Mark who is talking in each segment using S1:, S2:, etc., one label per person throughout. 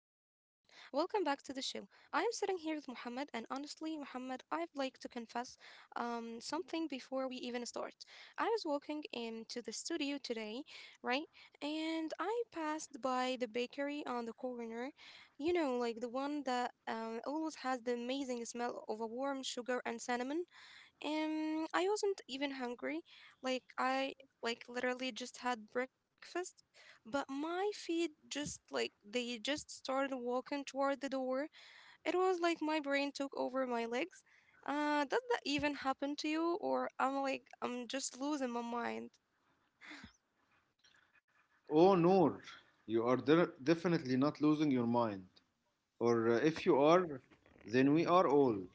S1: sitting here with Muhammad, and honestly, Muhammad, I'd like to confess something before we even start. I was walking into the studio today, right? And I passed by the bakery on the corner, like the one that always has the amazing smell of a warm sugar and cinnamon. I wasn't even hungry. Like I like literally just had breakfast, but my feet, just like they just started walking toward the door. It was like my brain took over my legs. Does that even happen to you, or I'm just losing my mind?
S2: Oh, Noor, you are definitely not losing your mind. Or if you are, then we are old.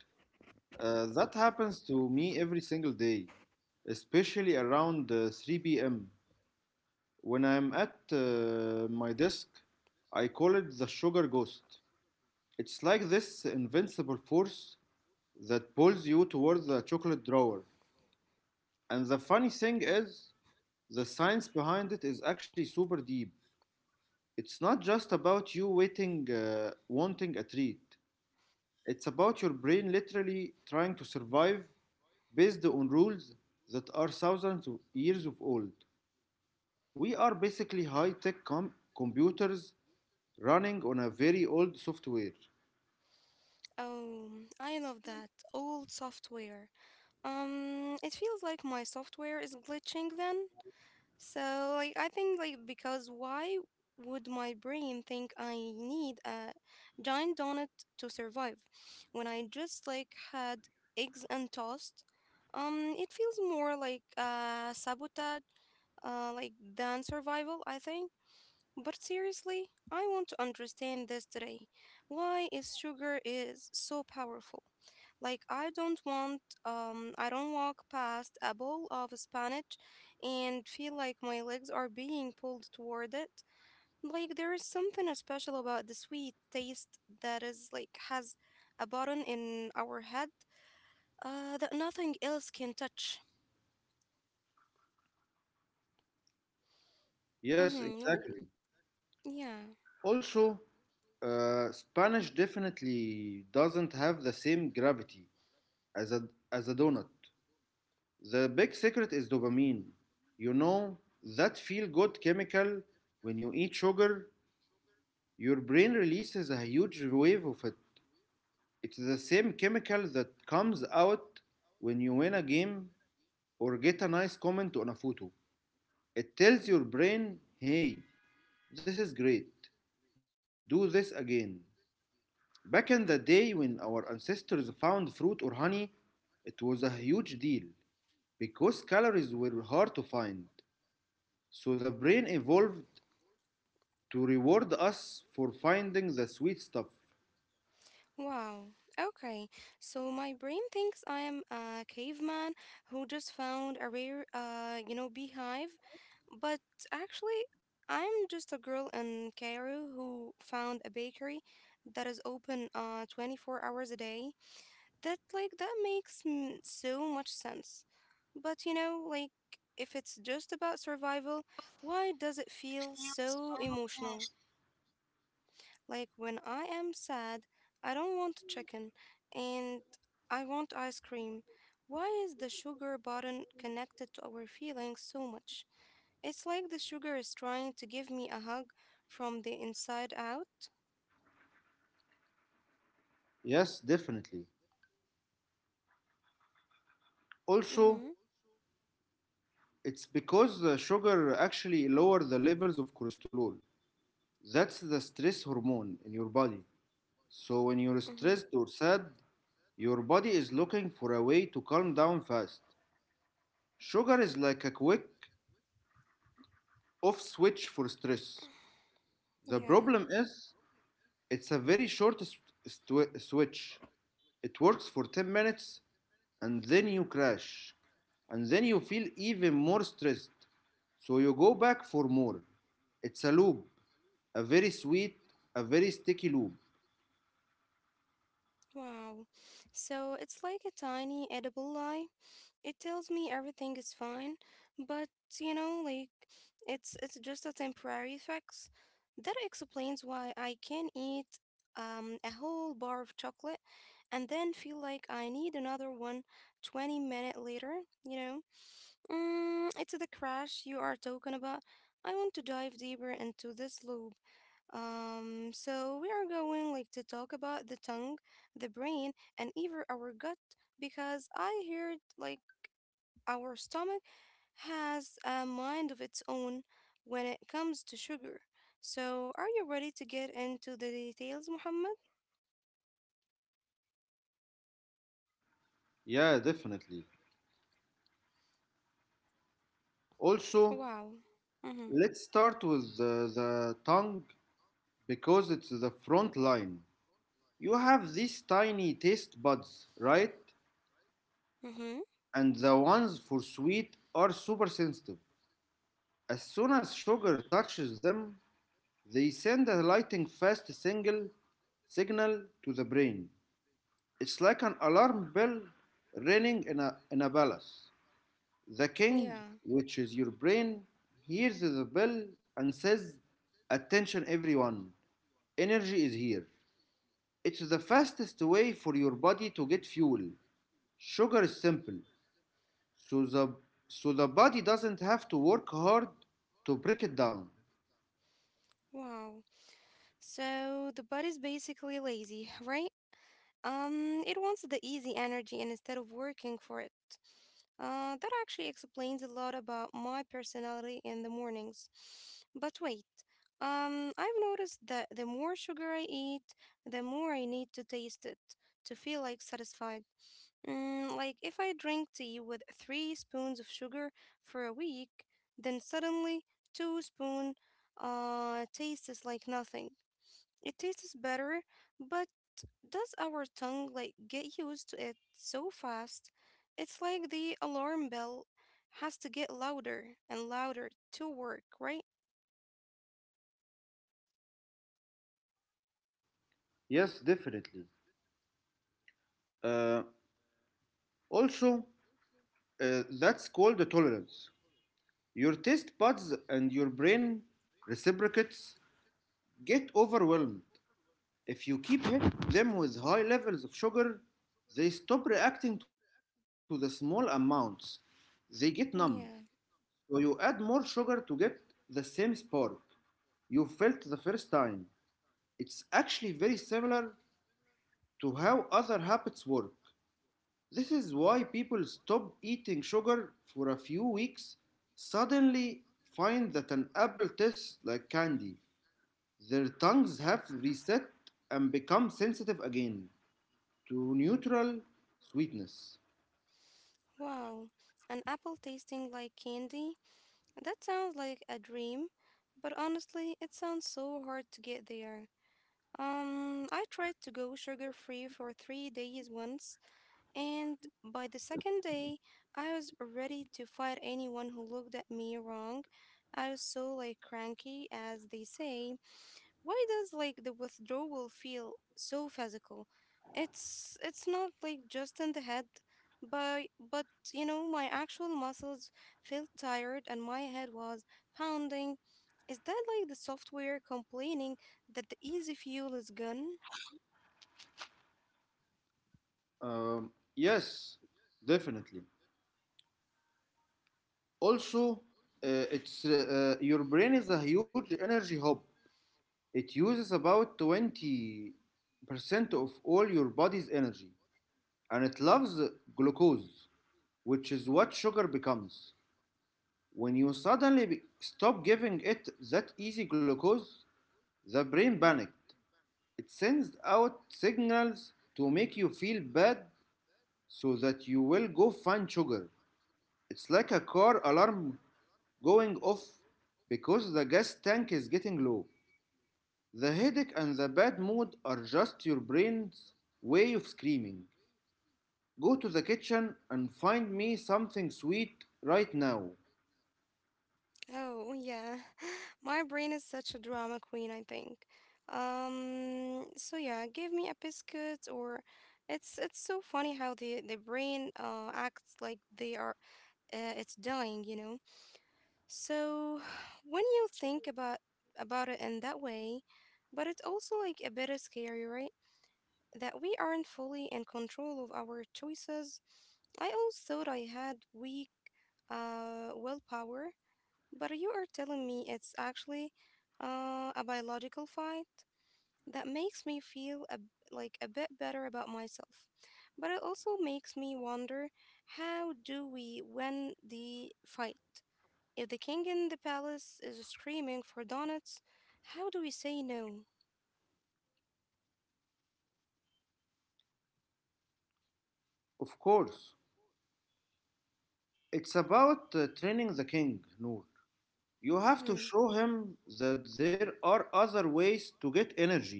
S2: That happens to me every single day, especially around 3 p.m. When I'm at my desk, I call it the sugar ghost. It's like this invincible force that pulls you towards the chocolate drawer. And the funny thing is, the science behind it is actually super deep. It's not just about you wanting a treat. It's about your brain literally trying to survive based on rules that are thousands of years of old. We are basically high tech computers running on a very old software.
S1: Oh, I love that old software. It feels like my software is glitching then. So like I think like because why would my brain think I need a giant donut to survive when I just like had eggs and toast? It feels more like sabotage, like than survival, I think. But seriously, I want to understand this today. Why is sugar is so powerful? Like I don't want, I don't walk past a bowl of spinach and feel like my legs are being pulled toward it. Like there is something special about the sweet taste that is like has a button in our head that nothing else can touch.
S2: Yes,
S1: Mhm. What?
S2: exactly.
S1: Yeah.
S2: Also, Spanish definitely doesn't have the same gravity as a, as a donut. The big secret is dopamine. You know, that feel good chemical when you eat sugar, your brain releases a huge wave of it. It's the same chemical that comes out when you win a game or get a nice comment on a photo. It tells your brain, hey, this is great, do this again. Back in the day when our ancestors found fruit or honey, it was a huge deal because calories were hard to find. So the brain evolved to reward us for finding the sweet stuff.
S1: Wow. Okay. So my brain thinks I am a caveman who just found a rare, beehive, but actually, I'm just a girl in Cairo who found a bakery that is open 24 hours a day. That makes so much sense. But like if it's just about survival, why does it feel so emotional? Like when I am sad, I don't want chicken and I want ice cream. Why is the sugar button connected to our feelings so much? It's like the sugar is trying to give me a hug from the inside out.
S2: Yes, definitely. Also,
S1: Mm-hmm.
S2: it's because the sugar actually lowers the levels of cholesterol. That's the stress hormone in your body. So when you're
S1: Mm-hmm.
S2: stressed or sad, your body is looking for a way to calm down fast. Sugar is like a quick off switch for stress. The
S1: Yeah.
S2: problem is it's a very short switch. It works for 10 minutes and then you crash. And then you feel even more stressed. So you go back for more. It's a loop, a very sweet, a very sticky loop.
S1: Wow. So it's like a tiny edible lie. It tells me everything is fine, but like it's just a temporary fix. That explains why I can eat a whole bar of chocolate and then feel like I need another one twenty 20 minutes later, you know. It's the crash you are talking about. I want to dive deeper into this loop. So we are going like to talk about the tongue, the brain, and even our gut because I heard like our stomach has a mind of its own when it comes to sugar. So, are you ready to get into the details, Muhammad?
S2: Yeah, definitely. Also,
S1: Wow. Mm-hmm.
S2: let's start with the tongue because it's the front line. You have these tiny taste buds, right?
S1: Mm-hmm.
S2: And the ones for sweet are super sensitive. As soon as sugar touches them, they send a lightning fast single signal to the brain. It's like an alarm bell ringing in a palace. The king,
S1: Yeah.
S2: which is your brain, hears the bell and says, attention, everyone, energy is here. It's the fastest way for your body to get fuel. Sugar is simple, so the, so the body doesn't have to work hard to break it down.
S1: Wow. So the body's basically lazy, right? It wants the easy energy instead of working for it. That actually explains a lot about my personality in the mornings. But wait, I've noticed that the more sugar I eat, the more I need to taste it to feel like satisfied. Like if I drink tea with three spoons of sugar for a week, then suddenly two spoon tastes like nothing. It tastes better, but does our tongue like get used to it so fast? It's like the alarm bell has to get louder and louder to work, right?
S2: Yes, definitely. Uh, also, that's called the tolerance. Your taste buds and your brain reciprocates get overwhelmed. If you keep them with high levels of sugar, they stop reacting to the small amounts. They get numb.
S1: Yeah.
S2: So you add more sugar to get the same spark you felt the first time. It's actually very similar to how other habits work. This is why people stop eating sugar for a few weeks, suddenly find that an apple tastes like candy. Their tongues have reset and become sensitive again to neutral sweetness.
S1: Wow. An apple tasting like candy? That sounds like a dream, but honestly, it sounds so hard to get there. I tried to go sugar free for 3 days once, and by the second day, I was ready to fight anyone who looked at me wrong. I was so like cranky, as they say. Why does like the withdrawal feel so physical? It's not like just in the head, but you know my actual muscles felt tired and my head was pounding. Is that like the software complaining that the easy fuel is gone?
S2: Yes, definitely. Also, it's your brain is a huge energy hub. It uses about 20% of all your body's energy and it loves glucose, which is what sugar becomes. When you suddenly stop giving it that easy glucose, the brain panicked. It sends out signals to make you feel bad so that you will go find sugar. It's like a car alarm going off because the gas tank is getting low. The headache and the bad mood are just your brain's way of screaming, go to the kitchen and find me something sweet right now.
S1: Oh, yeah. My brain is such a drama queen, I think. So yeah, give me a biscuit or it's so funny how the brain acts like they are, it's dying. So when you think about it in that way, but it's also like a bit of scary, right? That we aren't fully in control of our choices. I always thought I had weak willpower but you are telling me it's actually a biological fight. That makes me feel like a bit better about myself. But it also makes me wonder how do we win the fight? If the king in the palace is screaming for donuts, how do we say no?
S2: Of course. It's about training the king, Noor. You have to
S1: Hmm.
S2: show him that there are other ways to get energy,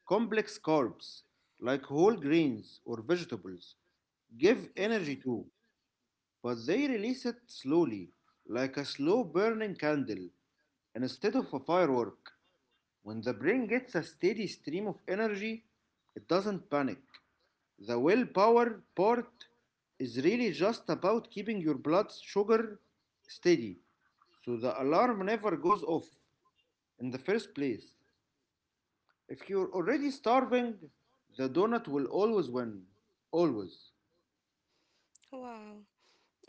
S2: complex carbs, like whole grains or vegetables. Give
S1: Yeah.
S2: energy too, but they release it slowly, like a slow burning candle, instead of a firework. When the brain gets a steady stream of energy, it doesn't panic. The willpower part is really just about keeping your blood sugar steady so the alarm never goes off in the first place. If you're already starving, the donut will always win. Always.
S1: Wow.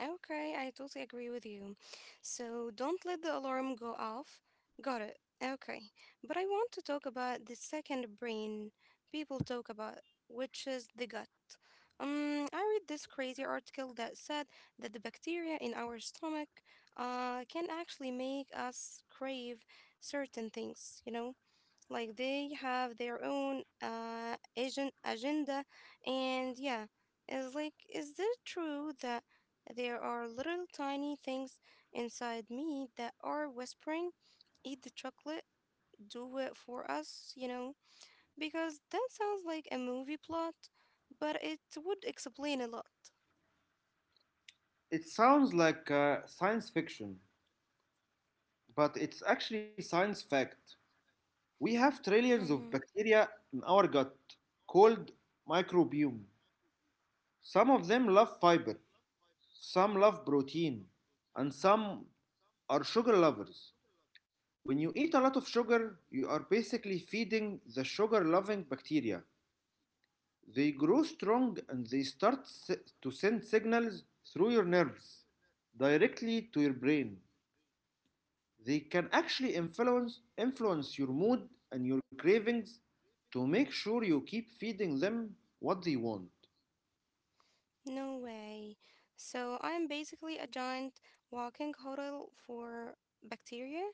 S1: Okay, I totally agree with you. So don't let the alarm go off. Got it. Okay. But I want to talk about the second brain people talk about, which is the gut. I read this crazy article that said that the bacteria in our stomach can actually make us crave certain things? Like they have their own agenda and yeah, it's like is it true that there are little tiny things inside me that are whispering, eat the chocolate, do it for us? Because that sounds like a movie plot, but it would explain a lot.
S2: It sounds like science fiction, but it's actually science fact. We have trillions of
S1: Mm-hmm.
S2: bacteria in our gut called microbiome. Some of them love fiber, some love protein, and some are sugar lovers. When you eat a lot of sugar, you are basically feeding the sugar loving bacteria. They grow strong and they start to send signals through your nerves directly to your brain. They can actually influence your mood and your cravings to make sure you keep feeding them what they want.
S1: No way. So I'm basically a giant walking hotel for bacteria.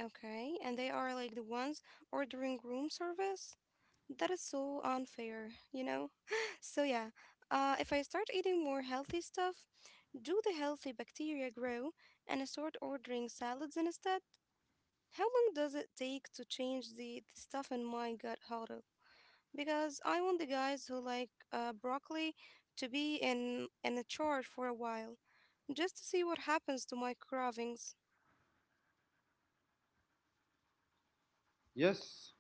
S1: Okay, and they are like the ones ordering room service. That is so unfair, you know? So, yeah, if I start eating more healthy stuff, do the healthy bacteria grow and I start ordering salads instead? How long does it take to change the stuff in my gut huddle? Because I want the guys who like broccoli to be in a charge for a while, just to see what happens to my cravings.
S2: Yes,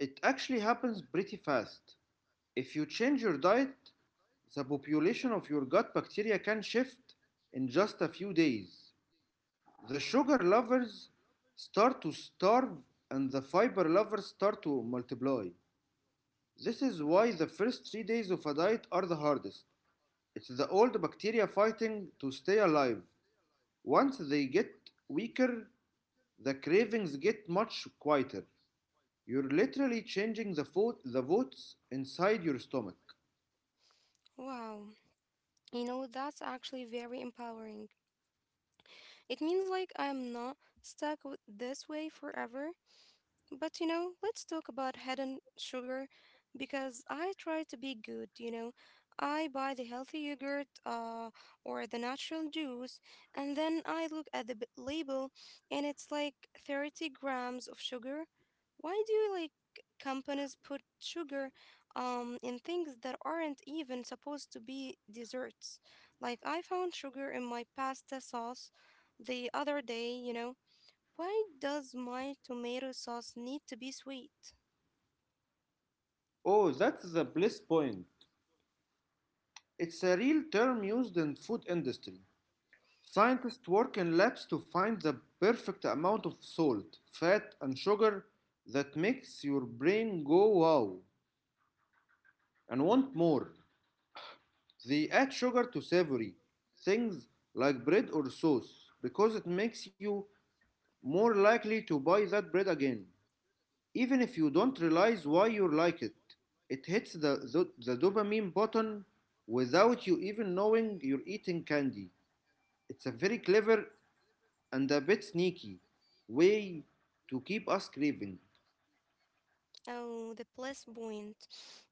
S2: it actually happens pretty fast. If you change your diet, the population of your gut bacteria can shift in just a few days. The sugar lovers start to starve and the fiber lovers start to multiply. This is why the first 3 days of a diet are the hardest. It's the old bacteria fighting to stay alive. Once they get weaker, the cravings get much quieter. You're literally changing the votes inside your stomach.
S1: Wow. That's actually very empowering. It means like I'm not stuck with this way forever. But let's talk about hidden sugar because I try to be good. I buy the healthy yogurt or the natural juice, and then I look at the label and it's like 30 grams of sugar. Why do like companies put sugar in things that aren't even supposed to be desserts? Like I found sugar in my pasta sauce the other day. Why does my tomato sauce need to be sweet?
S2: Oh, that's the bliss point. It's a real term used in food industry. Scientists work in labs to find the perfect amount of salt, fat, and sugar that makes your brain go wow and want more. They add sugar to savory things like bread or sauce because it makes you more likely to buy that bread again, even if you don't realize why you like it. It hits the dopamine button without you even knowing you're eating candy. It's a very clever and a bit sneaky way to keep us craving.
S1: Oh, the plus point.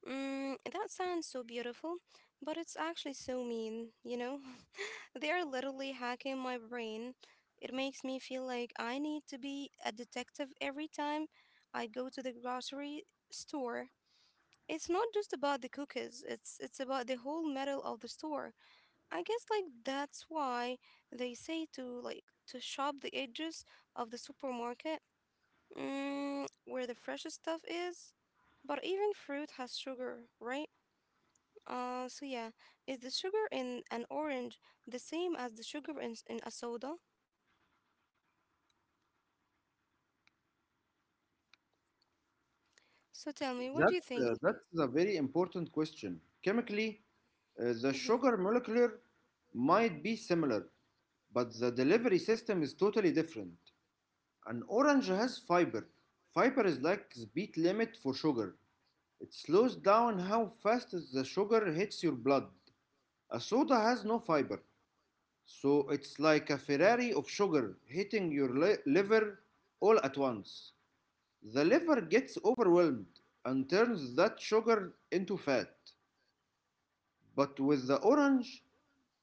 S1: That sounds so beautiful, but it's actually so mean? They are literally hacking my brain. It makes me feel like I need to be a detective every time I go to the grocery store. It's not just about the cookies, it's about the whole metal of the store. I guess like that's why they say to like to shop the edges of the supermarket, where the freshest stuff is. But even fruit has sugar, right? So yeah, is the sugar in an orange the same as the sugar in, in a soda? So tell me, what
S2: That,
S1: do you think?
S2: that's a very important question. Chemically, the
S1: Mm-hmm.
S2: sugar molecular might be similar, but the delivery system is totally different. An orange has fiber. Fiber is like speed limit for sugar. It slows down how fast the sugar hits your blood. A soda has no fiber. So it's like a Ferrari of sugar hitting your liver all at once. The liver gets overwhelmed and turns that sugar into fat. But with the orange,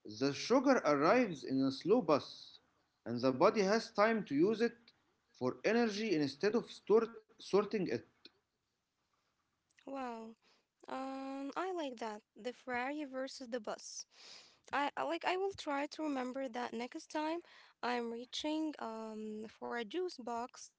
S2: the sugar arrives in a slow bus, and the body has time to use it for energy instead of sorting it.
S1: Wow. I like that. The Ferrari versus the bus. I will try to remember that next time I'm reaching for a juice box.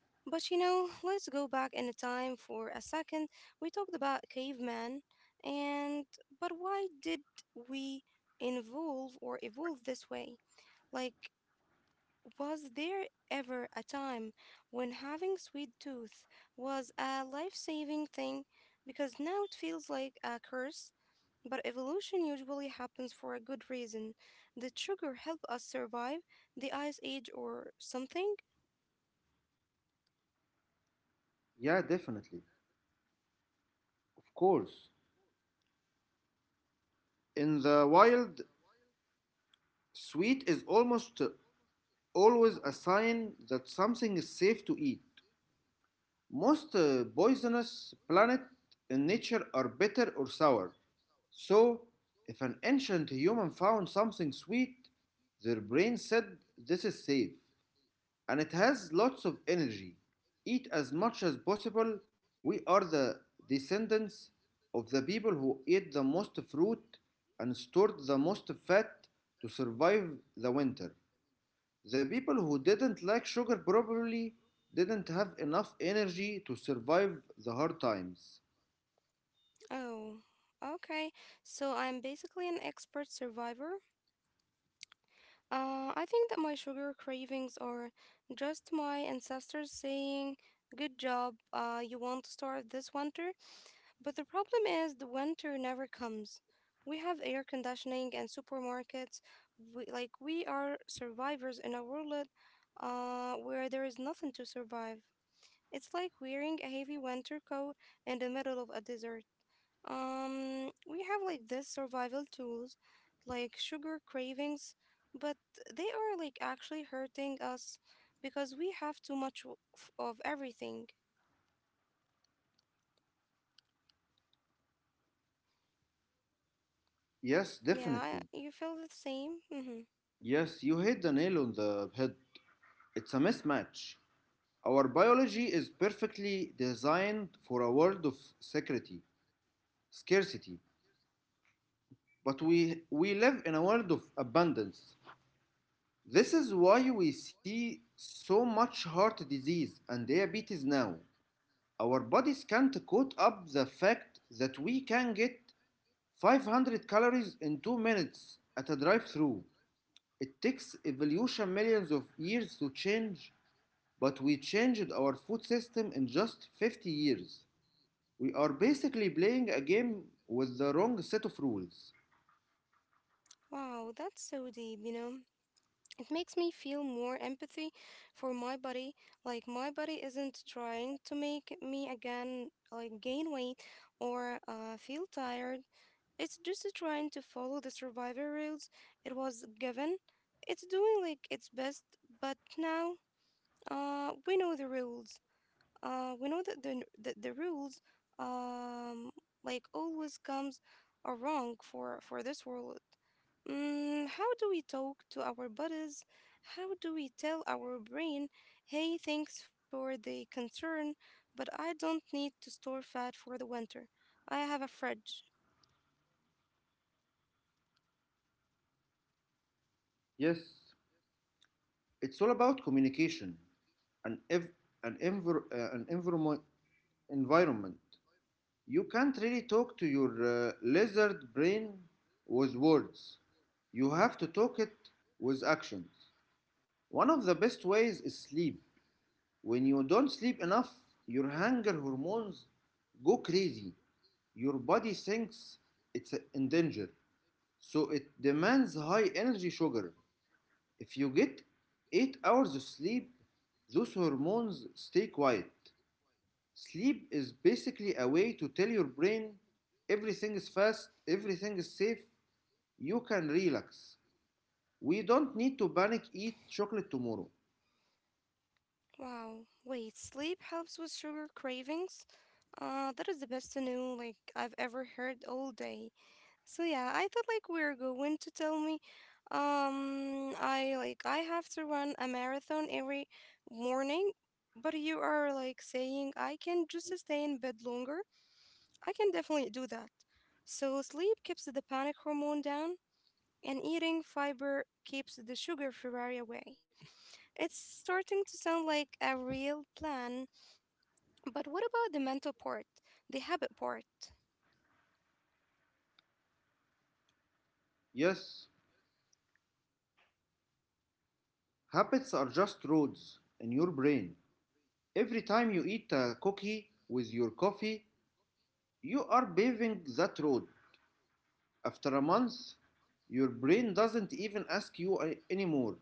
S1: But let's go back in time for a second. We talked about caveman, and but why did we involve or evolve this way? Like, was there ever a time when having sweet tooth was a life-saving thing? Because now it feels like a curse, but evolution usually happens for a good reason. Did sugar help us survive the ice age or something?
S2: Yeah, definitely. Of course. In the wild, sweet is almost always a sign that something is safe to eat. Most poisonous plants in nature are bitter or sour. So, if an ancient human found something sweet, their brain said this is safe and it has lots of energy. Eat as much as possible. We are the descendants of the people who ate the most fruit and stored the most fat to survive the winter. The people who didn't like sugar probably didn't have enough energy to survive the hard times.
S1: Oh, okay. So I'm basically an expert survivor. I think that my sugar cravings are just my ancestors saying, good job, you won't starve this winter. But the problem is, the winter never comes. We have air conditioning and supermarkets. We are survivors in a world where there is nothing to survive. It's like wearing a heavy winter coat in the middle of a desert. We have like this survival tools, like sugar cravings, but they are like actually hurting us because we have too much of everything.
S2: Yes,
S1: Yeah,
S2: definitely.
S1: you feel the same? Mm-hmm.
S2: Yes, you hit the nail on the head. It's a mismatch. Our biology is perfectly designed for a world of security, scarcity, but we live in a world of abundance. This is why we see so much heart disease and diabetes now. Our bodies can't cope up the fact that we can get 500 calories in 2 minutes at a drive through. It takes evolution millions of years to change, but we changed our food system in just 50 years. We are basically playing a game with the wrong set of rules.
S1: Wow, that's so deep? It makes me feel more empathy for my body. Like, my body isn't trying to make me again, gain weight or feel tired. It's just trying to follow the survivor rules it was given. It's doing like its best, but now we know the rules. We know that the rules um, like always comes are wrong for, this world. How do we talk to our bodies? How do we tell our brain, hey, thanks for the concern, but I don't need to store fat for the winter. I have a fridge.
S2: Yes, it's all about communication and an environment. environment. You can't really talk to your lizard brain with words. You have to talk it with actions. One of the best ways is sleep. When you don't sleep enough, your hunger hormones go crazy. Your body thinks it's in danger, so it demands high energy sugar. If you get 8 hours of sleep, those hormones stay quiet. Sleep is basically a way to tell your brain everything is fast, everything is safe, you can relax. We don't need to panic eat chocolate tomorrow.
S1: Wow. Wait, sleep helps with sugar cravings? That is the best new like I've ever heard all day. I thought like we are going to tell me, I have to run a marathon every morning, but you are like saying I can just stay in bed longer. I can definitely do that. So sleep keeps the panic hormone down, and eating fiber keeps the sugar Ferrari away. It's starting to sound like a real plan. But what about the mental part, the habit part?
S2: Yes, habits are just roads in your brain. Every time you eat a cookie with your coffee, you are paving that road. After a month, your brain doesn't even ask you anymore.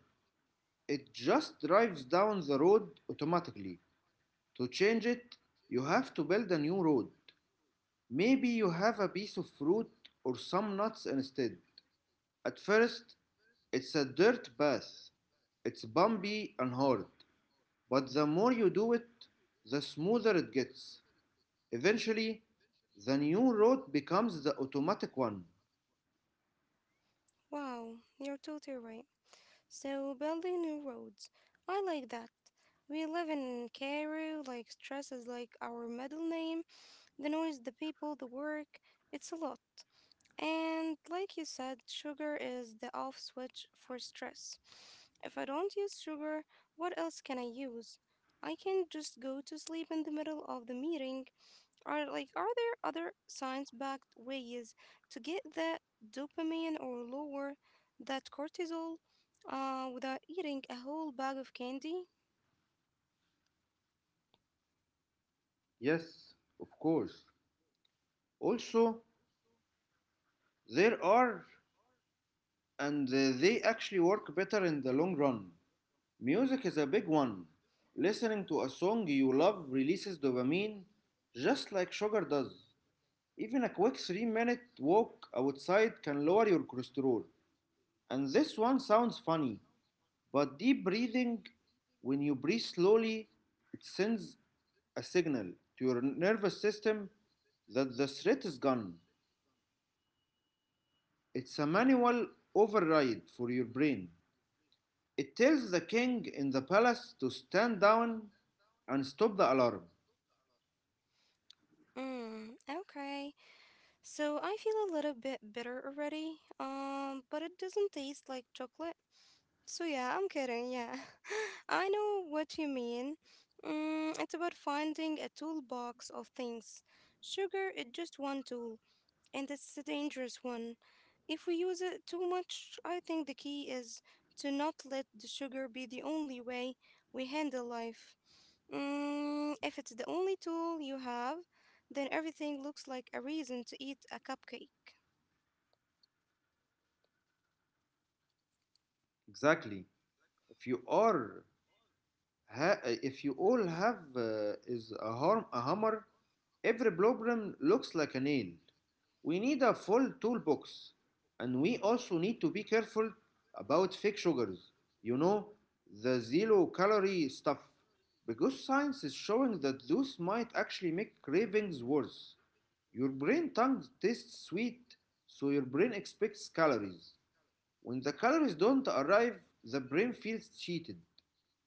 S2: It just drives down the road automatically. To change it, you have to build a new road. Maybe you have a piece of fruit or some nuts instead. At first, it's a dirt path. It's bumpy and hard. But the more you do it, the smoother it gets. Eventually, the new route becomes the automatic one.
S1: Wow, you're totally right. So, building new roads. I like that. We live in Cairo, like, stress is like our middle name. The noise, the people, the work, it's a lot. And, like you said, sugar is the off switch for stress. If I don't use sugar, what else can I use? I can just go to sleep in the middle of the meeting. Are there other science-backed ways to get that dopamine or lower that cortisol without eating a whole bag of candy?
S2: Yes, of course. Also, there are, and they actually work better in the long run. Music is a big one. Listening to a song you love releases dopamine just like sugar does. Even a quick 3-minute walk outside can lower your cholesterol. And this one sounds funny, but deep breathing, when you breathe slowly, it sends a signal to your nervous system that the threat is gone. It's a manual override for your brain. It tells the king in the palace to stand down and stop the alarm.
S1: Mm, okay. So I feel a little bit bitter already. But it doesn't taste like chocolate. I'm kidding. Yeah. I know what you mean. Mm, it's about finding a toolbox of things. Sugar is just one tool, and it's a dangerous one. If we use it too much, I think the key is to not let the sugar be the only way we handle life. Mm, if it's the only tool you have, then everything looks like a reason to eat a cupcake.
S2: Exactly. If you are if you all have is a hammer, every problem looks like a nail. We need a full toolbox, and we also need to be careful about fake sugars. You know, the zero calorie stuff, because science is showing that those might actually make cravings worse. Your brain tongue tastes sweet, so your brain expects calories. When the calories don't arrive, the brain feels cheated.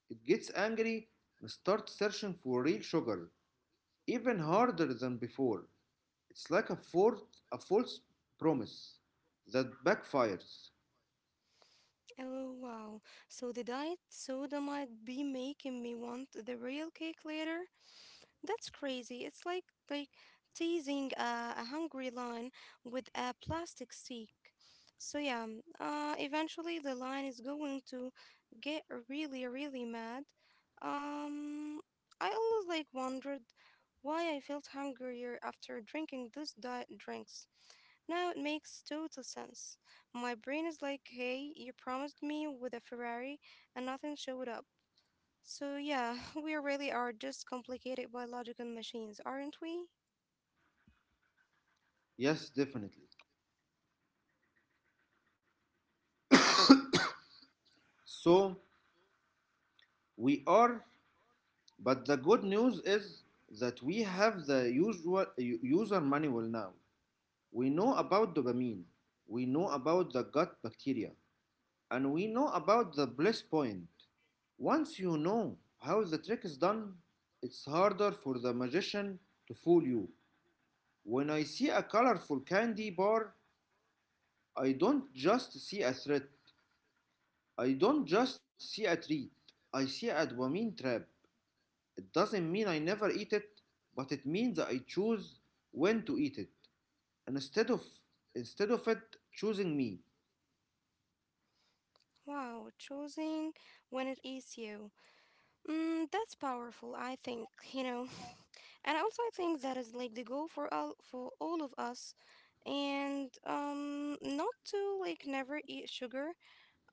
S2: It gets angry and starts searching for real sugar, even harder than before. It's like a false promise that backfires.
S1: Oh wow, so the diet soda might be making me want the real cake later. That's crazy. It's like teasing a hungry lion with a plastic stick. Eventually the lion is going to get really, really mad. Um, I always like wondered why I felt hungrier after drinking those diet drinks. Now it makes total sense. My brain is like, hey, you promised me with a Ferrari and nothing showed up. So, yeah, we really are just complicated biological machines, aren't we?
S2: Yes, definitely. So we are, but the good news is that we have the usual user manual now. We know about dopamine. We know about the gut bacteria. And we know about the bliss point. Once you know how the trick is done, it's harder for the magician to fool you. When I see a colorful candy bar, I don't just see a threat. I don't just see a treat. I see a dopamine trap. It doesn't mean I never eat it, but it means I choose when to eat it. And instead of it choosing me.
S1: Wow, choosing when it eats you. Mm, that's powerful, I think, And also, I think that is like the goal for all of us, and not to like never eat sugar.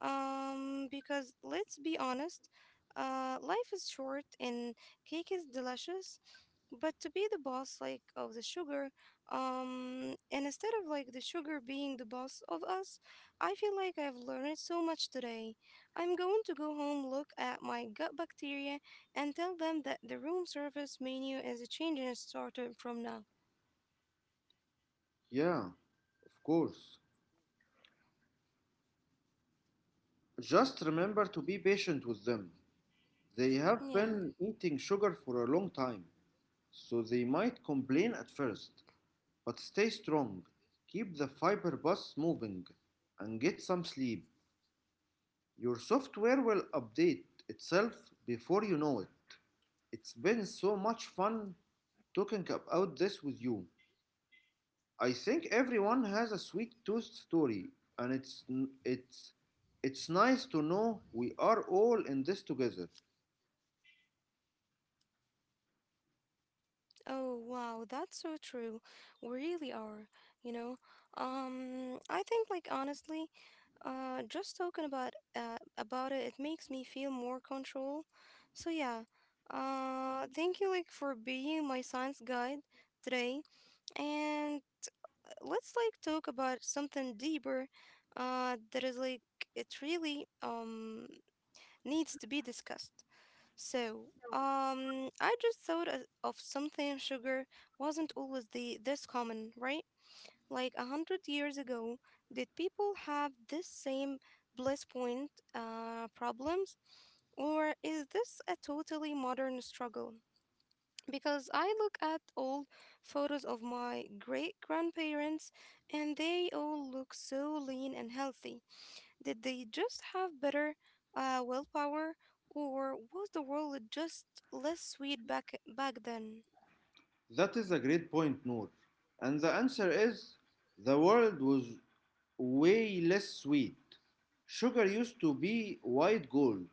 S1: Because let's be honest, life is short and cake is delicious, but to be the boss like of the sugar, and instead of like the sugar being the boss of us. I feel like I've learned so much today. I'm going to go home, look at my gut bacteria, and tell them that the room service menu is changing starting from now.
S2: Yeah, of course. Just remember to be patient with them. They have been
S1: Yeah.
S2: eating sugar for a long time, so they might complain at first, but stay strong. Keep the fiber bus moving and get some sleep. Your software will update itself before you know it. It's been so much fun talking about this with you. I think everyone has a sweet tooth story, and it's it's nice to know we are all in this together.
S1: Oh, wow, that's so true. We really are, you know. I think like honestly, just talking about it, it makes me feel more control. So yeah. Thank you like for being my science guide today. And let's like talk about something deeper that is like it's really needs to be discussed. So, I just thought of something. Sugar wasn't always the this common, right? Like 100 years ago, did people have this same bliss point problems, or is this a totally modern struggle? Because I look at old photos of my great grandparents, and they all look so lean and healthy. Did they just have better willpower, or was the world just less sweet back then?
S2: That is a great point, Noor. And the answer is the world was way less sweet. Sugar used to be white gold.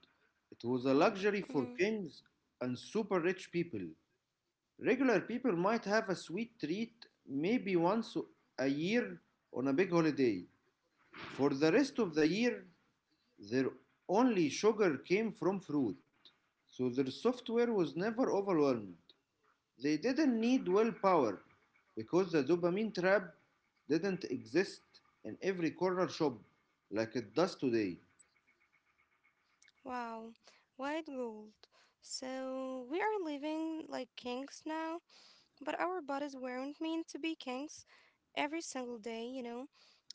S2: It was a luxury for
S1: Mhm.
S2: kings and super rich people. Regular people might have a sweet treat maybe once a year on a big holiday. For the rest of the year, their only sugar came from fruit. So their software was never overwhelmed. They didn't need willpower because the dopamine trap didn't exist in every corner shop like it does today.
S1: Wow, white gold. So we are living like kings now, but our bodies weren't meant to be kings every single day. You know,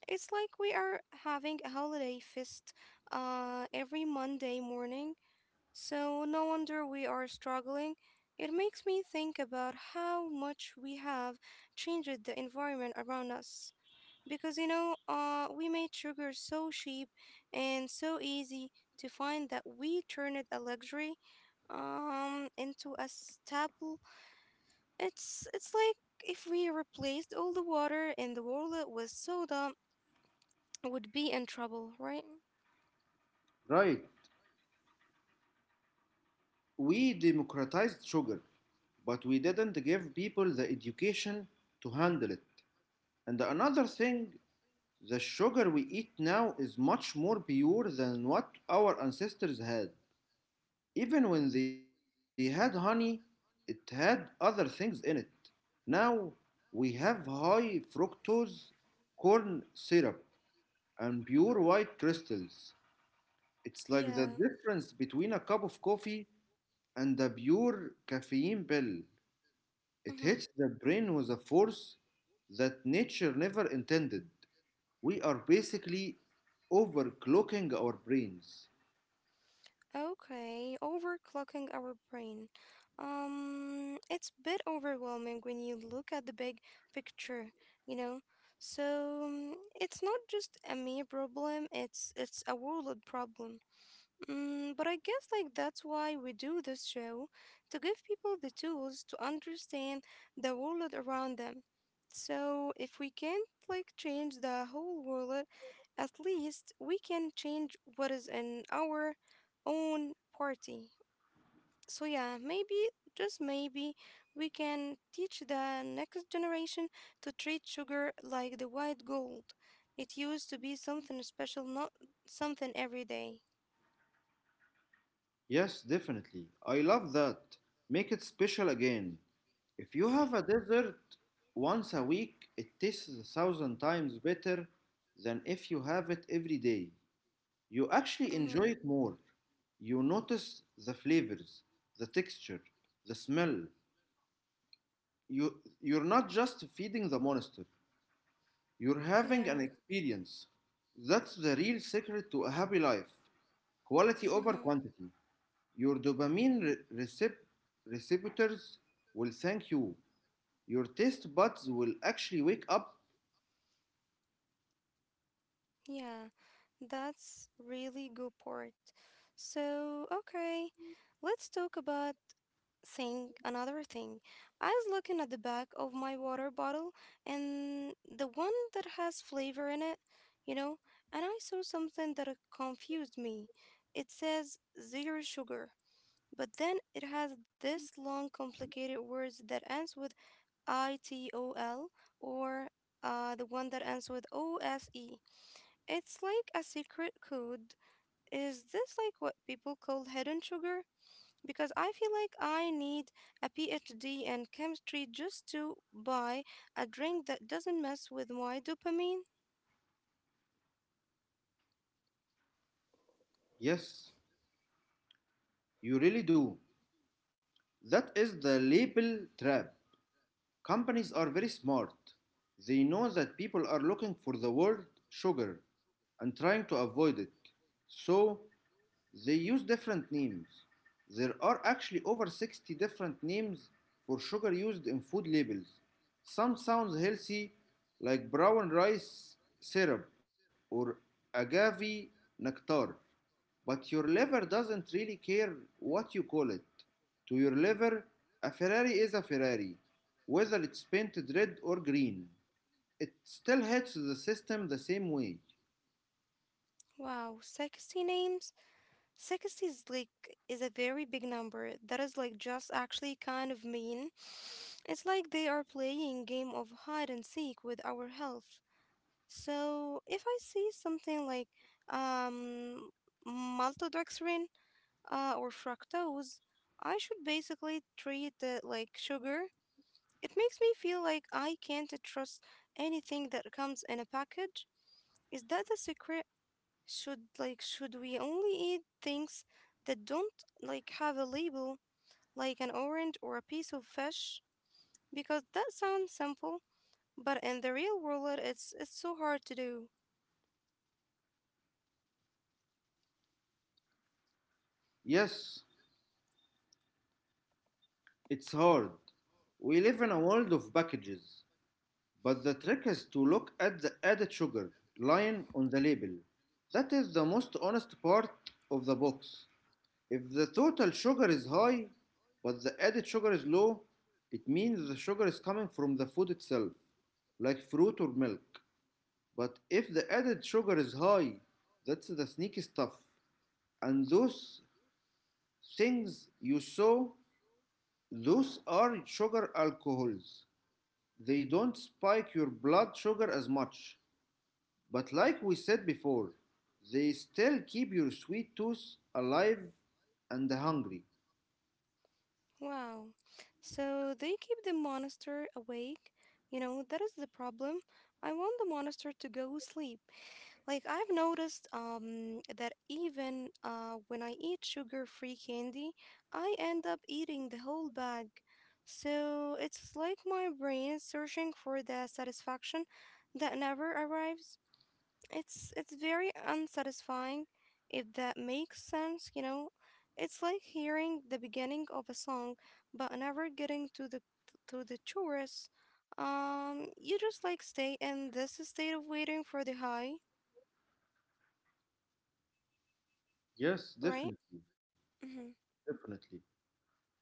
S1: it's like we are having a holiday feast every Monday morning. So no wonder we are struggling. It makes me think about how much we have changed the environment around us. Because we made sugar so cheap and so easy to find that we turned a luxury into a staple. It's like if we replaced all the water in the world with soda, would be in trouble, right?
S2: Right, we democratized sugar, but we didn't give people the education to handle it. And another thing, the sugar we eat now is much more pure than what our ancestors had. Even when they had honey, it had other things in it. Now we have high fructose corn syrup and pure white crystals. It's like the
S1: Yeah.
S2: difference between a cup of coffee and a pure caffeine pill.
S1: Hmm.
S2: It hits the brain with a force that nature never intended. We are basically overclocking our brains.
S1: Okay, overclocking our brain. It's a bit overwhelming when you look at the big picture, you know? So, mm, it's not just a me problem, it's a world problem. Mm, but I guess like that's why we do this show, to give people the tools to understand the world around them. So if we can't like change the whole world, at least we can change what is in our own party. So yeah, maybe just maybe we can teach the next generation to treat sugar like the white gold. It used to be something special, not something every day.
S2: Yes, definitely. I love that. Make it special again. If you have a dessert once a week, it tastes a thousand times better than if you have it every day. You actually
S1: Mm-hmm.
S2: enjoy it more. You notice the flavors, the texture, the smell. You, you're not just feeding the monster, you're having an
S1: Yeah.
S2: experience. That's the real secret to a happy life quality over
S1: Mm-hmm.
S2: quantity. Your receptors will thank you. Your taste buds will actually wake up.
S1: Yeah, that's really good point. So, okay, let's talk about thing another thing. I was looking at the back of my water bottle and the one that has flavor in it, you know, and I saw something that confused me. It says zero sugar, but then it has this long complicated words that ends with -itol or the one that ends with -ose. It's like a secret code. Is this like what people call hidden sugar? Because I feel like I need a PhD in chemistry just to buy a drink that doesn't mess with my dopamine.
S2: Yes, you really do. That is the label trap. Companies are very smart. They know that people are looking for the word sugar and trying to avoid it. So they use different names. There are actually over 60 different names for sugar used in food labels. Some sound healthy, like brown rice syrup or agave nectar, but your liver doesn't really care what you call it. To your liver, a Ferrari is a Ferrari, whether it's painted red or green. It still hits the system the same way.
S1: Wow, 60 names? 60 is like is a very big number. That is like just actually kind of mean. It's like they are playing game of hide and seek with our health. So if I see something like um maltodextrin or fructose, I should basically treat it like sugar. It makes me feel like I can't trust anything that comes in a package. Is that the secret? Should we only eat things that don't like have a label, like an orange or a piece of fish? Because that sounds simple, but in the real world it's so hard to do.
S2: Yes, it's hard. We live in a world of packages, but the trick is to look at the added sugar line on the label. That is the most honest part of the box. If the total sugar is high, but the added sugar is low, it means the sugar is coming from the food itself, like fruit or milk. But if the added sugar is high, that's the sneaky stuff. And those things you saw, those are sugar alcohols. They don't spike your blood sugar as much, but like we said before, they still keep your sweet tooth alive and hungry.
S1: Wow. So they keep the monster awake. You know, that is the problem. I want the monster to go sleep. Like I've noticed that even when I eat sugar-free candy, I end up eating the whole bag. So it's like my brain is searching for the satisfaction that never arrives. It's very unsatisfying if that makes sense, you know. It's like hearing the beginning of a song but never getting to the chorus. You just like stay in this state of waiting for the high,
S2: Yes,
S1: right?
S2: definitely,
S1: Mm-hmm.
S2: definitely.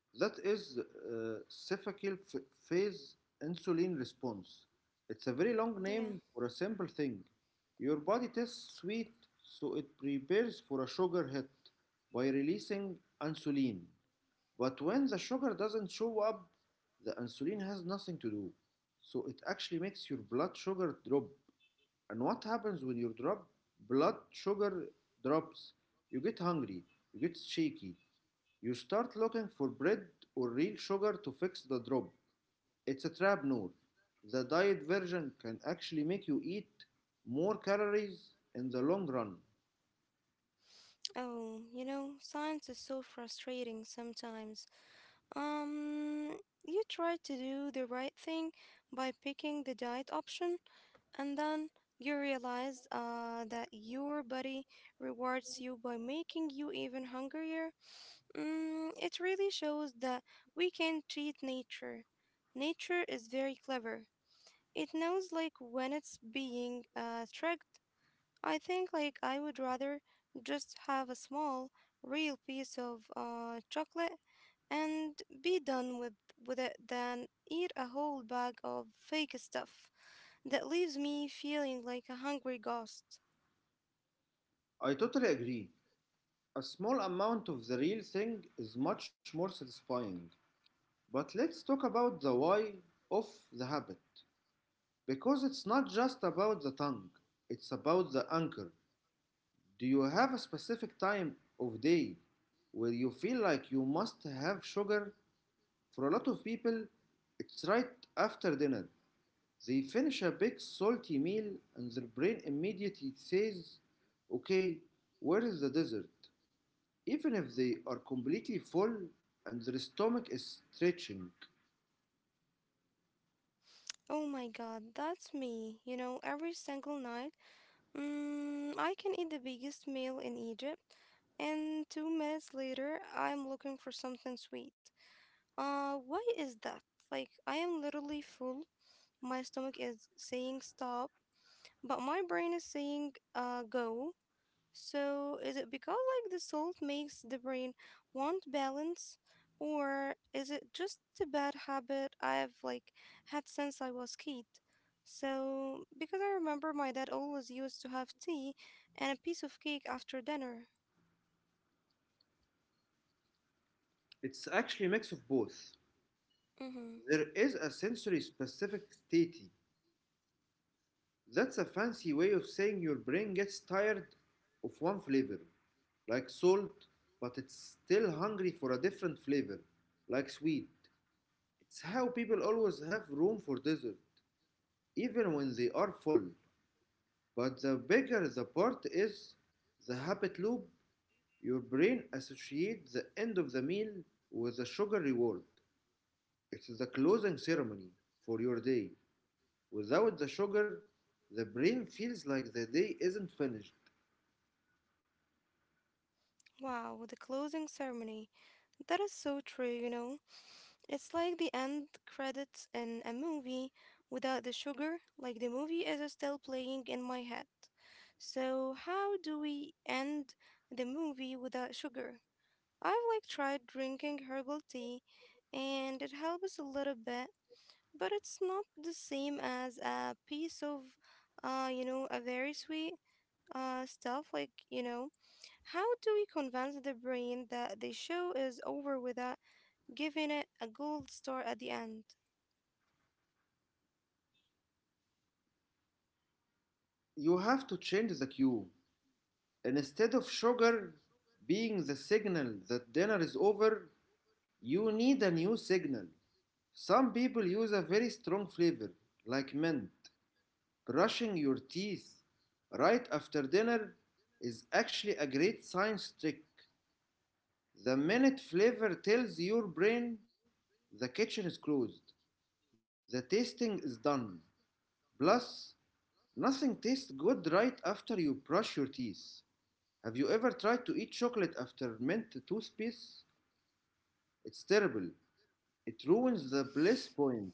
S2: That is phase insulin response. It's a very long
S1: Yeah.
S2: name for a simple thing. Your body tastes sweet, so it prepares for a sugar hit by releasing insulin. But when the sugar doesn't show up, the insulin has nothing to do. So it actually makes your blood sugar drop. And what happens when your drop blood sugar drops? You get hungry, you get shaky, you start looking for bread or real sugar to fix the drop. It's a trap, Noor. The diet version can actually make you eat more calories in the long run.
S1: Oh, you know, science is so frustrating sometimes. Um, you try to do the right thing by picking the diet option, and then you realize that your body rewards you by making you even hungrier. Mm, it really shows that we can treat nature. Nature is very clever. It knows like when it's being tricked. I think like I would rather just have a small, real piece of chocolate and be done with it than eat a whole bag of fake stuff that leaves me feeling like a hungry ghost.
S2: I totally agree. A small amount of the real thing is much more satisfying. But let's talk about the why of the habit because it's not just about the tongue, it's about the anchor. Do you have a specific time of day where you feel like you must have sugar? For a lot of people, it's right after dinner. They finish a big salty meal and their brain immediately says, "Okay, where is the dessert?" Even if they are completely full and their stomach is stretching.
S1: Oh my god, that's me. You know, every single night, mm, I can eat the biggest meal in Egypt, and 2 minutes later, I'm looking for something sweet. Why is that? Like, I am literally full. My stomach is saying stop, but my brain is saying, go. So, is it because like the salt makes the brain want balance, or is it just a bad habit I've like had since I was kid? So, because I remember my dad always used to have tea and a piece of cake after dinner.
S2: It's actually a mix of both.
S1: Mm-hmm.
S2: There is a sensory specific state. That's a fancy way of saying your brain gets tired of one flavor, like salt, but it's still hungry for a different flavor, like sweet. It's how people always have room for dessert, even when they are full. But the bigger the part is, the habit loop, your brain associates the end of the meal with the sugar reward. It's the closing ceremony for your day. Without the sugar, the brain feels like the day isn't finished.
S1: Wow, the closing ceremony. That is so true, you know. It's like the end credits in a movie without the sugar, like the movie is still playing in my head. So, how do we end the movie without sugar? I've like tried drinking herbal tea and it helps a little bit, but it's not the same as a piece of you know, a very sweet stuff like, you know, how do we convince the brain that the show is over without giving it a gold star at the end?
S2: You have to change the cue. Instead of sugar being the signal that dinner is over, you need a new signal. Some people use a very strong flavor, like mint. Brushing your teeth right after dinner is actually a great science trick. The minute flavor tells your brain the kitchen is closed, the tasting is done. Plus, nothing tastes good right after you brush your teeth. Have you ever tried to eat chocolate after mint toothpaste? It's terrible. It ruins the bliss point.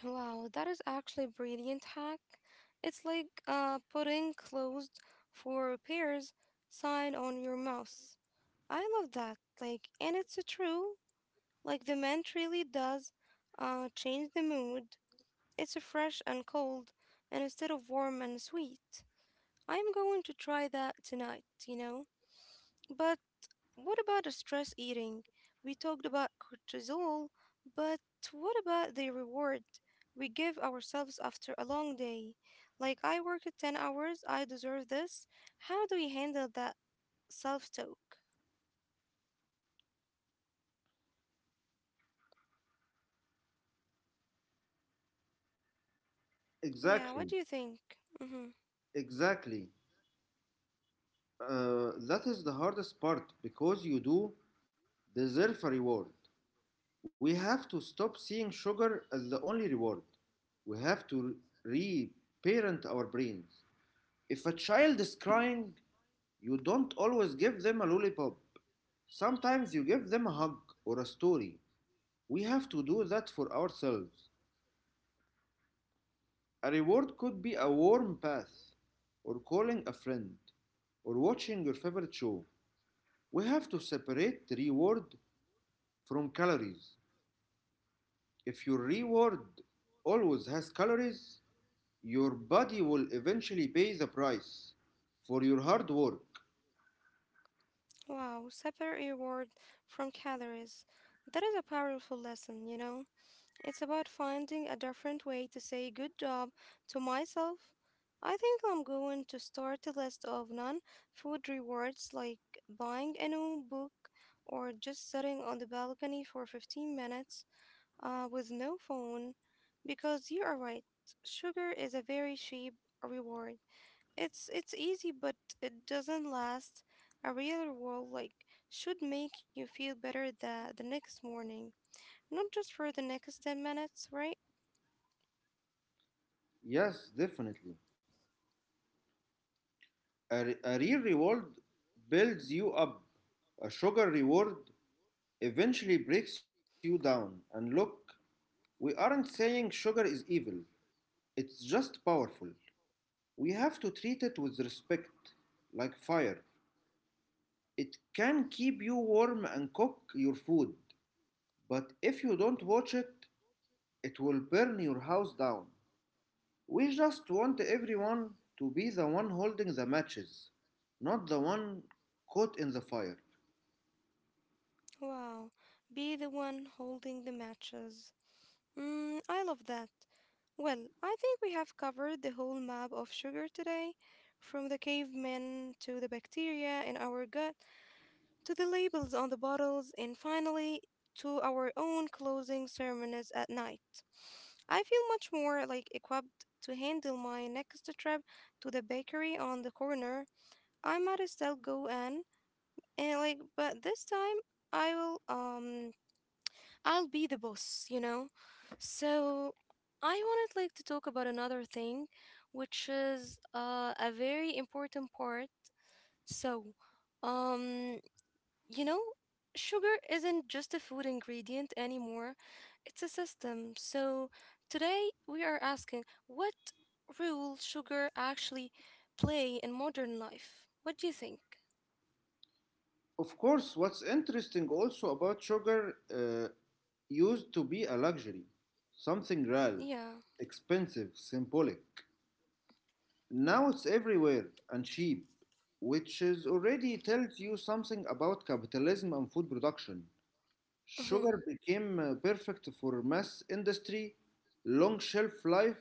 S1: Wow, that is actually a brilliant hack. It's like putting closed for repairs sign on your mouse. I love that. Like, and it's a true. Like the mint really does change the mood. It's a fresh and cold, and instead of warm and sweet. I'm going to try that tonight. You know, but what about the stress eating? We talked about cortisol, but what about the reward we give ourselves after a long day? Like, I worked 10 hours, I deserve this. How do we handle that self talk? Yeah, what
S2: Exactly,
S1: do you think? Hmm.
S2: exactly. That is the hardest part because you do deserve a reward. We have to stop seeing sugar as the only reward. We have to reparent our brains. If a child is crying, you don't always give them a lollipop. Sometimes you give them a hug or a story. We have to do that for ourselves. A reward could be a warm bath, or calling a friend, or watching your favorite show. We have to separate the reward from calories. If your reward always has calories, your body will eventually pay the price for your hard work.
S1: Wow, separate reward from calories. That is a powerful lesson, you know? It's about finding a different way to say good job to myself. I think I'm going to start a list of non food rewards like buying a new book or just sitting on the balcony for 15 minutes with no phone. Because you are right, sugar is a very cheap reward. It's easy, but it doesn't last. A real reward like should make you feel better the next morning, not just for the next 10 minutes, right?
S2: Yes, definitely. A real reward builds you up. A sugar reward eventually breaks you down. And look, we aren't saying sugar is evil, it's just powerful. We have to treat it with respect, like fire. It can keep you warm and cook your food, but if you don't watch it, it will burn your house down. We just want everyone to be the one holding the matches, not the one caught in the fire.
S1: Wow, be the one holding the matches. Mm, I love that. Well, I think we have covered the whole map of sugar today, from the cavemen to the bacteria in our gut, to the labels on the bottles, and finally to our own closing ceremonies at night. I feel much more like equipped to handle my next trip to the bakery on the corner. I might still go in, and like, but this time I will I'll be the boss, you know? So I wanted like to talk about another thing, which is a very important part. So, um, you know, sugar isn't just a food ingredient anymore. It's a system. So today we are asking what role sugar actually play in modern life. What do you think?
S2: Of course, what's interesting also about sugar used to be a luxury, something
S1: Yeah.
S2: rare, expensive, symbolic. Now it's everywhere and cheap, which is already tells you something about capitalism and food production.
S1: Hmm.
S2: Sugar became perfect for mass industry, long shelf life,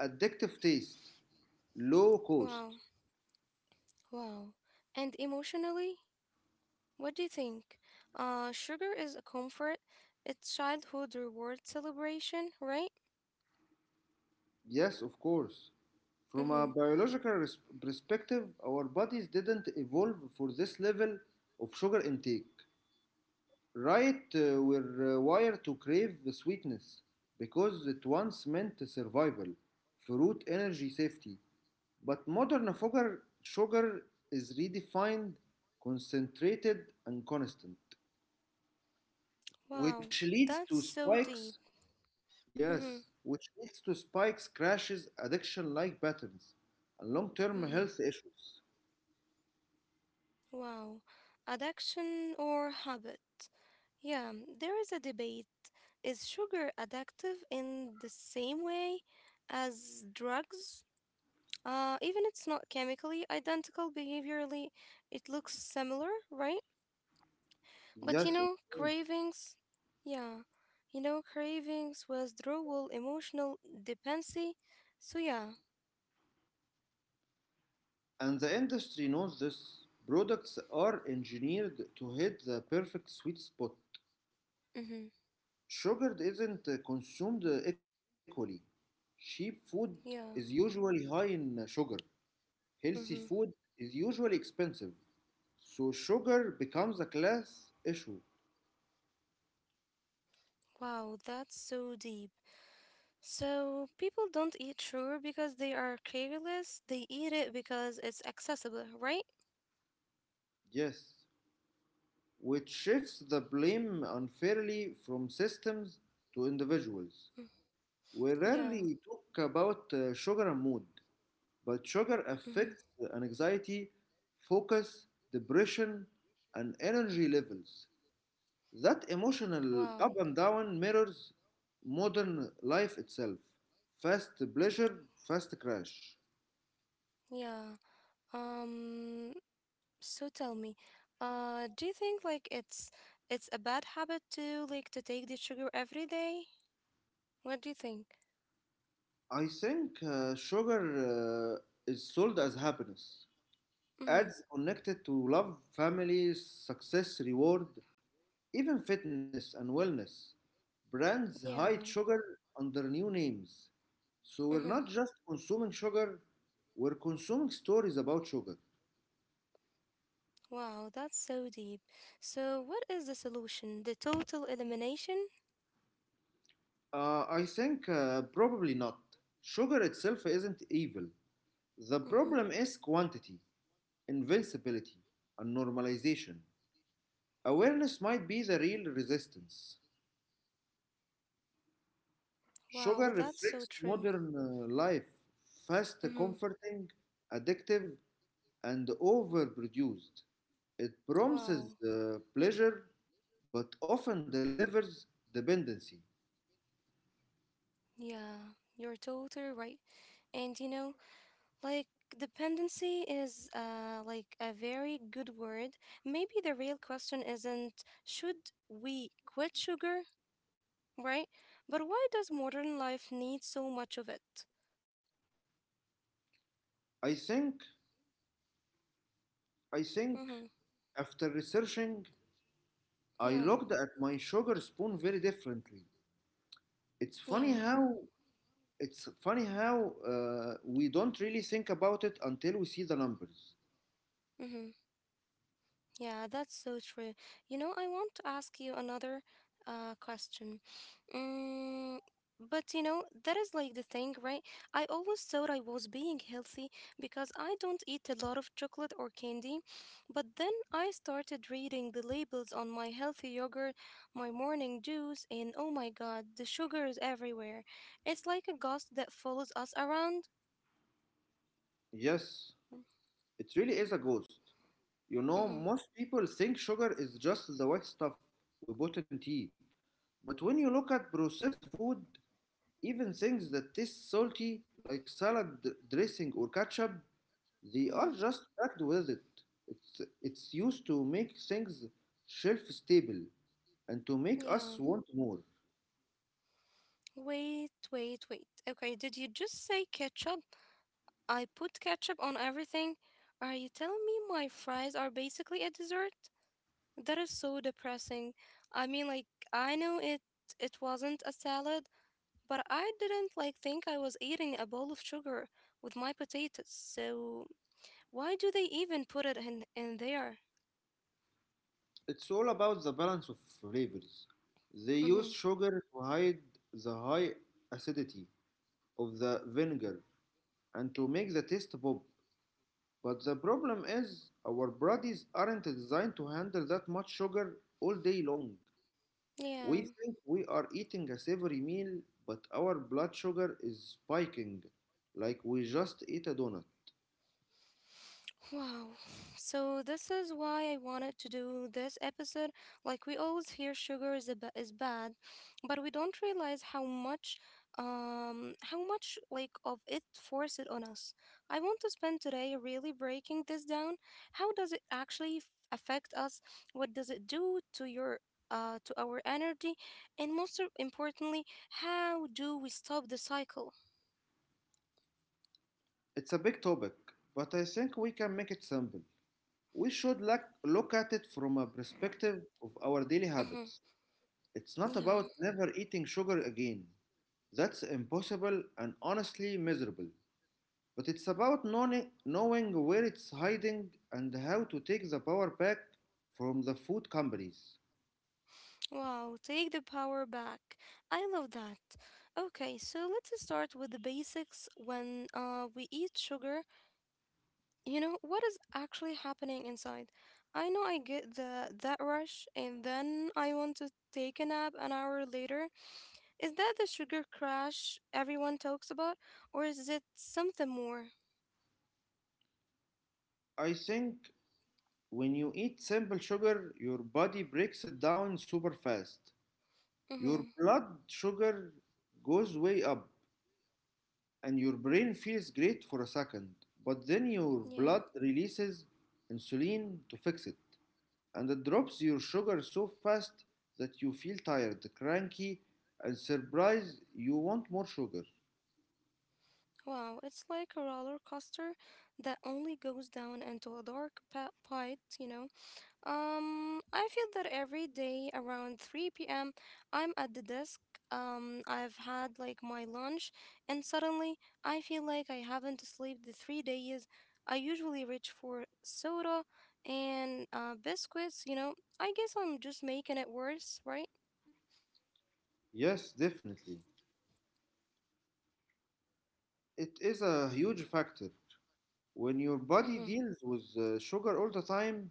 S2: addictive taste, low cost.
S1: Wow. Wow. And emotionally? What do you think? Sugar is a comfort. It's childhood reward celebration, right?
S2: Yes, of course. From a
S1: Mm-hmm.
S2: perspective, our bodies didn't evolve for this level of sugar intake. Right, we're wired to crave the sweetness because it once meant survival, fruit, energy, safety. But modern sugar, sugar is redefined, concentrated, and constant, which
S1: Wow,
S2: leads to
S1: that's so
S2: spikes
S1: deep. Mm-hmm.
S2: yes, which leads to spikes, crashes, addiction like patterns, and long term health
S1: Mm-hmm.
S2: issues.
S1: Wow. Addiction or habit? Yeah, there is a debate. Is sugar addictive in the same way as drugs? Even it's not chemically identical behaviorally, it looks similar, right? But you
S2: Yes, of
S1: know,
S2: course.
S1: cravings, yeah, you know, cravings, withdrawal, emotional dependency. So yeah,
S2: And the industry knows this. Products are engineered to hit the perfect sweet spot.
S1: mm-hmm,
S2: Sugar isn't consumed equally. Cheap food is
S1: yeah,
S2: usually high in sugar. Healthy
S1: mm-hmm.
S2: food is usually expensive. So sugar becomes a class issue.
S1: Wow, that's so deep. So people don't eat sugar because they are careless. They eat it because it's accessible, right?
S2: Yes, which shifts the blame unfairly from systems to
S1: Mm,
S2: individuals. We
S1: yeah.
S2: rarely talk about sugar and mood, but sugar
S1: Mm-hmm.
S2: affects anxiety, focus, depression, and energy levels. That emotional
S1: Wow.
S2: up and down mirrors modern life itself. Fast pleasure, fast crash.
S1: Yeah. Um. So tell me, do you think like it's a bad habit to like to take the sugar every day? What do you think?
S2: I think sugar is sold as happiness,
S1: Mm-hmm.
S2: ads connected to love, family, success, reward, even fitness and wellness. Brands hide
S1: Yeah.
S2: sugar under new names. So we're not
S1: Mm-hmm.
S2: just consuming sugar, we're consuming stories about sugar.
S1: Wow, that's so deep. So, what is the solution? The total elimination?
S2: I think probably not. Sugar itself isn't evil. The
S1: Mm-hmm.
S2: problem is quantity, invincibility, and normalization. Awareness might be the real resistance.
S1: Wow,
S2: Sugar
S1: that's so
S2: reflects
S1: true.
S2: modern life, fast,
S1: Mm-hmm.
S2: comforting, addictive, and overproduced. It
S1: Wow.
S2: promises pleasure, but often delivers dependency.
S1: Yeah, you're totally right. And you know, like dependency is like a very good word. Maybe the real question isn't should we quit sugar, right? But why does modern life need so much of it?
S2: I think, I think,
S1: Mm-hmm.
S2: after researching, I
S1: Yeah.
S2: looked at my sugar spoon very differently. It's
S1: Yeah.
S2: funny how it's funny how we don't really think about it until we see the numbers.
S1: Mm-hmm. Yeah, that's so true. You know, I want to ask you another question. Mm, but you know, that is like the thing, right? I always thought I was being healthy because I don't eat a lot of chocolate or candy, but then I started reading the labels on my healthy yogurt, my morning juice, and oh my God, the sugar is everywhere. It's like a ghost that follows us around.
S2: Yes,
S1: Mm-hmm,
S2: it really is a ghost. You know,
S1: mm-hmm,
S2: most people think sugar is just the white stuff we put in tea. But when you look at processed food, even things that taste salty, like dressing or ketchup, they are
S1: mm-hmm,
S2: just packed with it. It's used to make things shelf stable and to make
S1: yeah.
S2: us want more.
S1: Wait, wait, wait. Okay, did you just say ketchup? I put ketchup on everything. Are you telling me my fries are basically a dessert? That is so depressing. I mean, like, I know it wasn't a salad, but I didn't like think I was eating a bowl of sugar with my potatoes. So, why do they even put it in there?
S2: It's all about the balance of flavors. They use
S1: Mhm.
S2: sugar to hide the high acidity of the vinegar and to make the taste pop. But the problem is our bodies aren't designed to handle that much sugar all day long. We
S1: Yeah.
S2: think we are eating a savory meal, but our blood sugar is spiking like we just ate a donut.
S1: Wow. So this is why I wanted to do this episode. Like we always hear sugar is a is bad, but we don't realize how much how much like of it force it on us. I want to spend today really breaking this down. How does it actually affect us? What does it do to your to our energy? And most importantly, how do we stop the cycle?
S2: It's a big topic, but I think we can make it simple. We should look at it from a perspective of our daily
S1: Mhm.
S2: habits. It's not
S1: Yeah.
S2: about never eating sugar again. That's impossible and honestly miserable. But it's about knowing where it's hiding and how to take the power back from the food companies.
S1: Wow, take the power back. I love that. Okay, so let's start with the basics. When we eat sugar, you know, what is actually happening inside? I know I get the that rush and then I want to take a nap an hour later. Is that the sugar crash everyone talks about, or is it something more?
S2: I think when you eat simple sugar, your body breaks it down super fast. Your
S1: Mm-hmm.
S2: blood sugar goes way up, and your brain feels great for a second. But then your
S1: Yeah.
S2: blood releases insulin to fix it, and it drops your sugar so fast that you feel tired, cranky, and surprised you want more sugar.
S1: Wow, it's like a roller coaster that only goes down into a dark pit, you know. I feel that every day around 3 p.m., I'm at the desk. I've had like my lunch, and suddenly I feel like I haven't slept the 3 days. I usually reach for soda and biscuits, you know. I guess I'm just making it worse, right?
S2: Yes, definitely. It is a huge factor. When your body
S1: Mm-hmm.
S2: deals with sugar all the time,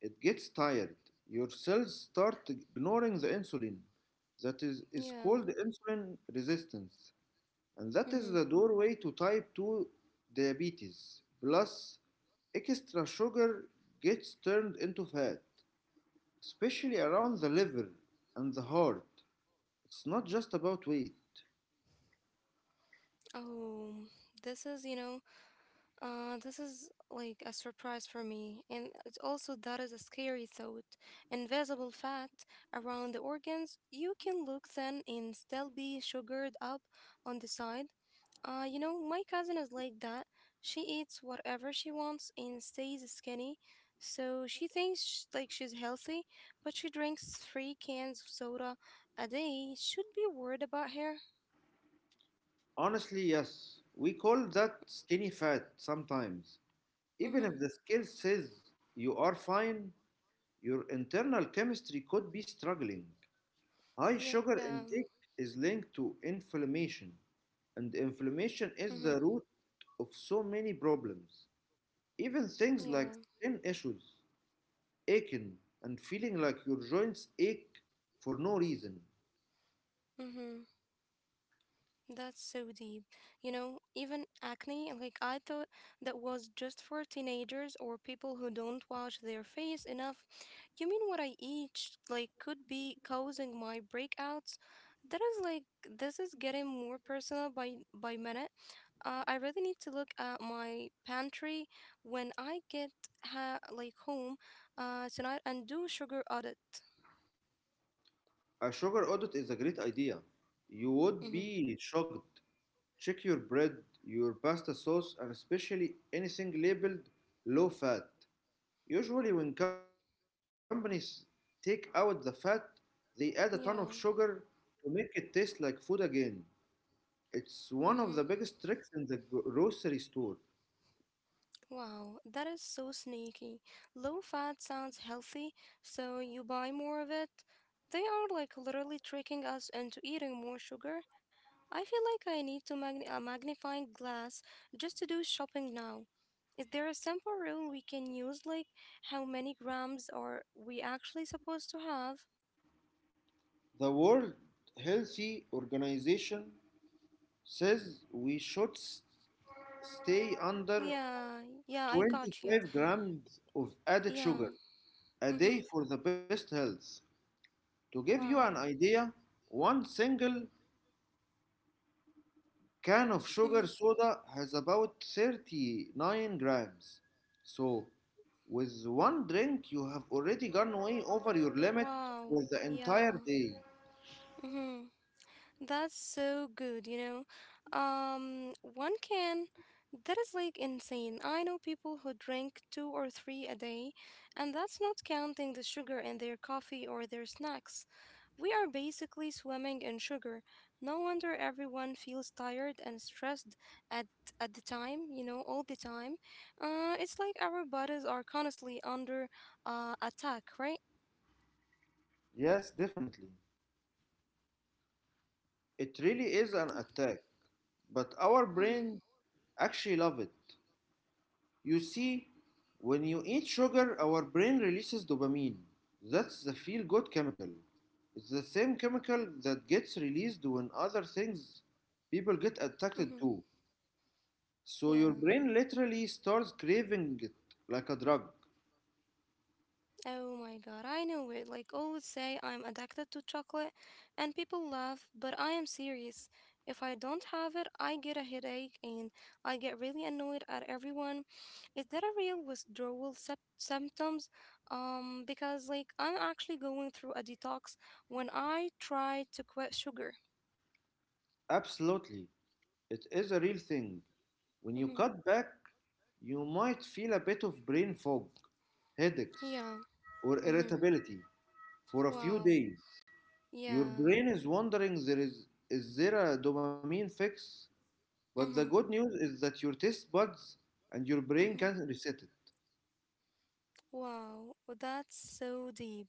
S2: it gets tired. Your cells start ignoring the insulin. That is
S1: Yeah.
S2: called insulin resistance. And that
S1: Mm-hmm.
S2: is the doorway to type 2 diabetes. Plus, extra sugar gets turned into fat, especially around the liver and the heart. It's not just about weight.
S1: Oh, this is, you know, this is like a surprise for me, and it's also that is a scary thought. Invisible fat around the organs, you can look thin and still be sugared up on the side. You know, my cousin is like that. She eats whatever she wants and stays skinny, so she thinks like she's healthy, but she drinks three cans of soda a day. Should be worried about her.
S2: Honestly, yes. We call that skinny fat sometimes. Even if
S1: Mhm.
S2: the scale says you are fine, your internal chemistry could be struggling. High sugar
S1: Yeah.
S2: intake is linked to inflammation, and inflammation
S1: Mhm.
S2: is the root of so many problems. Even things like
S1: Yeah.
S2: skin issues, aching, and feeling like your joints ache for no reason.
S1: Mhm. That's so deep. You know, even acne, like I thought that was just for teenagers or people who don't wash their face enough. You mean what I eat, like, could be causing my breakouts? That is like, this is getting more personal by minute. I really need to look at my pantry when I get ha like home tonight and do sugar audit.
S2: A sugar audit is a great idea. You would
S1: Mm-hmm.
S2: be shocked. Check your bread, your pasta sauce, and especially anything labeled low fat. Usually, when companies take out the fat, they add a ton of sugar
S1: Yeah.
S2: to make it taste like food again. It's one of the biggest
S1: Mm-hmm.
S2: tricks in the grocery store.
S1: Wow, that is so sneaky. Low fat sounds healthy, so you buy more of it. They are like literally tricking us into eating more sugar. I feel like I need to magn a magnifying glass just to do shopping now. Is there a simple rule we can use, like how many grams are we actually supposed to have?
S2: The World Healthy Organization says we should stay under
S1: Yeah, yeah, I got you.
S2: 25 grams of added sugar
S1: Yeah.
S2: a day
S1: Mhm.
S2: for the best health. To give you an
S1: Wow.
S2: idea, one single can of sugar
S1: Mhm.
S2: soda has about 39 grams. So, with one drink, you have already gone way over your limit for
S1: Wow.
S2: the
S1: Yeah.
S2: entire day.
S1: Mhm. That's so good, you know. One can. That is like insane. I know people who drink two or three a day, and that's not counting the sugar in their coffee or their snacks. We are basically swimming in sugar. No wonder everyone feels tired and stressed at at the time, you know, all the time. It's like our bodies are constantly under attack, right?
S2: Yes, definitely. It really is an attack, but our
S1: Mm-hmm.
S2: brains actually love it. You see, when you eat sugar, our brain releases dopamine. That's the feel good chemical. It's the same chemical that gets released when other things people get
S1: Mm-hmm.
S2: addicted to. So
S1: Yeah.
S2: your brain literally starts craving it like a drug.
S1: Oh my god, I know it. Like always say I'm addicted to chocolate and people laugh, but I am serious. If I don't have it, I get a headache and I get really annoyed at everyone. Is that a real withdrawal symptoms? Because like I'm actually going through a detox when I try to quit sugar.
S2: Absolutely. It is a real thing. When you
S1: Mhm.
S2: cut back, you might feel a bit of brain fog, headaches,
S1: Yeah.
S2: or
S1: Mhm.
S2: irritability for a few
S1: Wow.
S2: days. Your
S1: Yeah.
S2: brain is wondering, there is there a dopamine fix? But the
S1: Mhm.
S2: good news is that your taste buds and your brain
S1: Mhm.
S2: can reset it.
S1: Wow, well, that's so deep.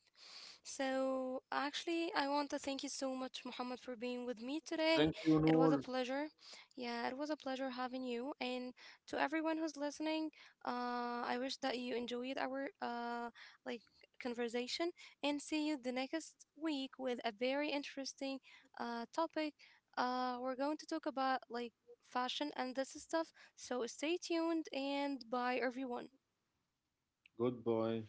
S1: So, actually, I want to thank you so much, Muhammad, for being with me today.
S2: Thank you,
S1: It was a
S2: Noor.
S1: pleasure. Yeah, it was a pleasure having you. And to everyone who's listening, I wish that you enjoyed our like conversation. And see you the next week with a very interesting topic. We're going to talk about like fashion and this stuff. So stay tuned and bye, everyone.
S2: Goodbye.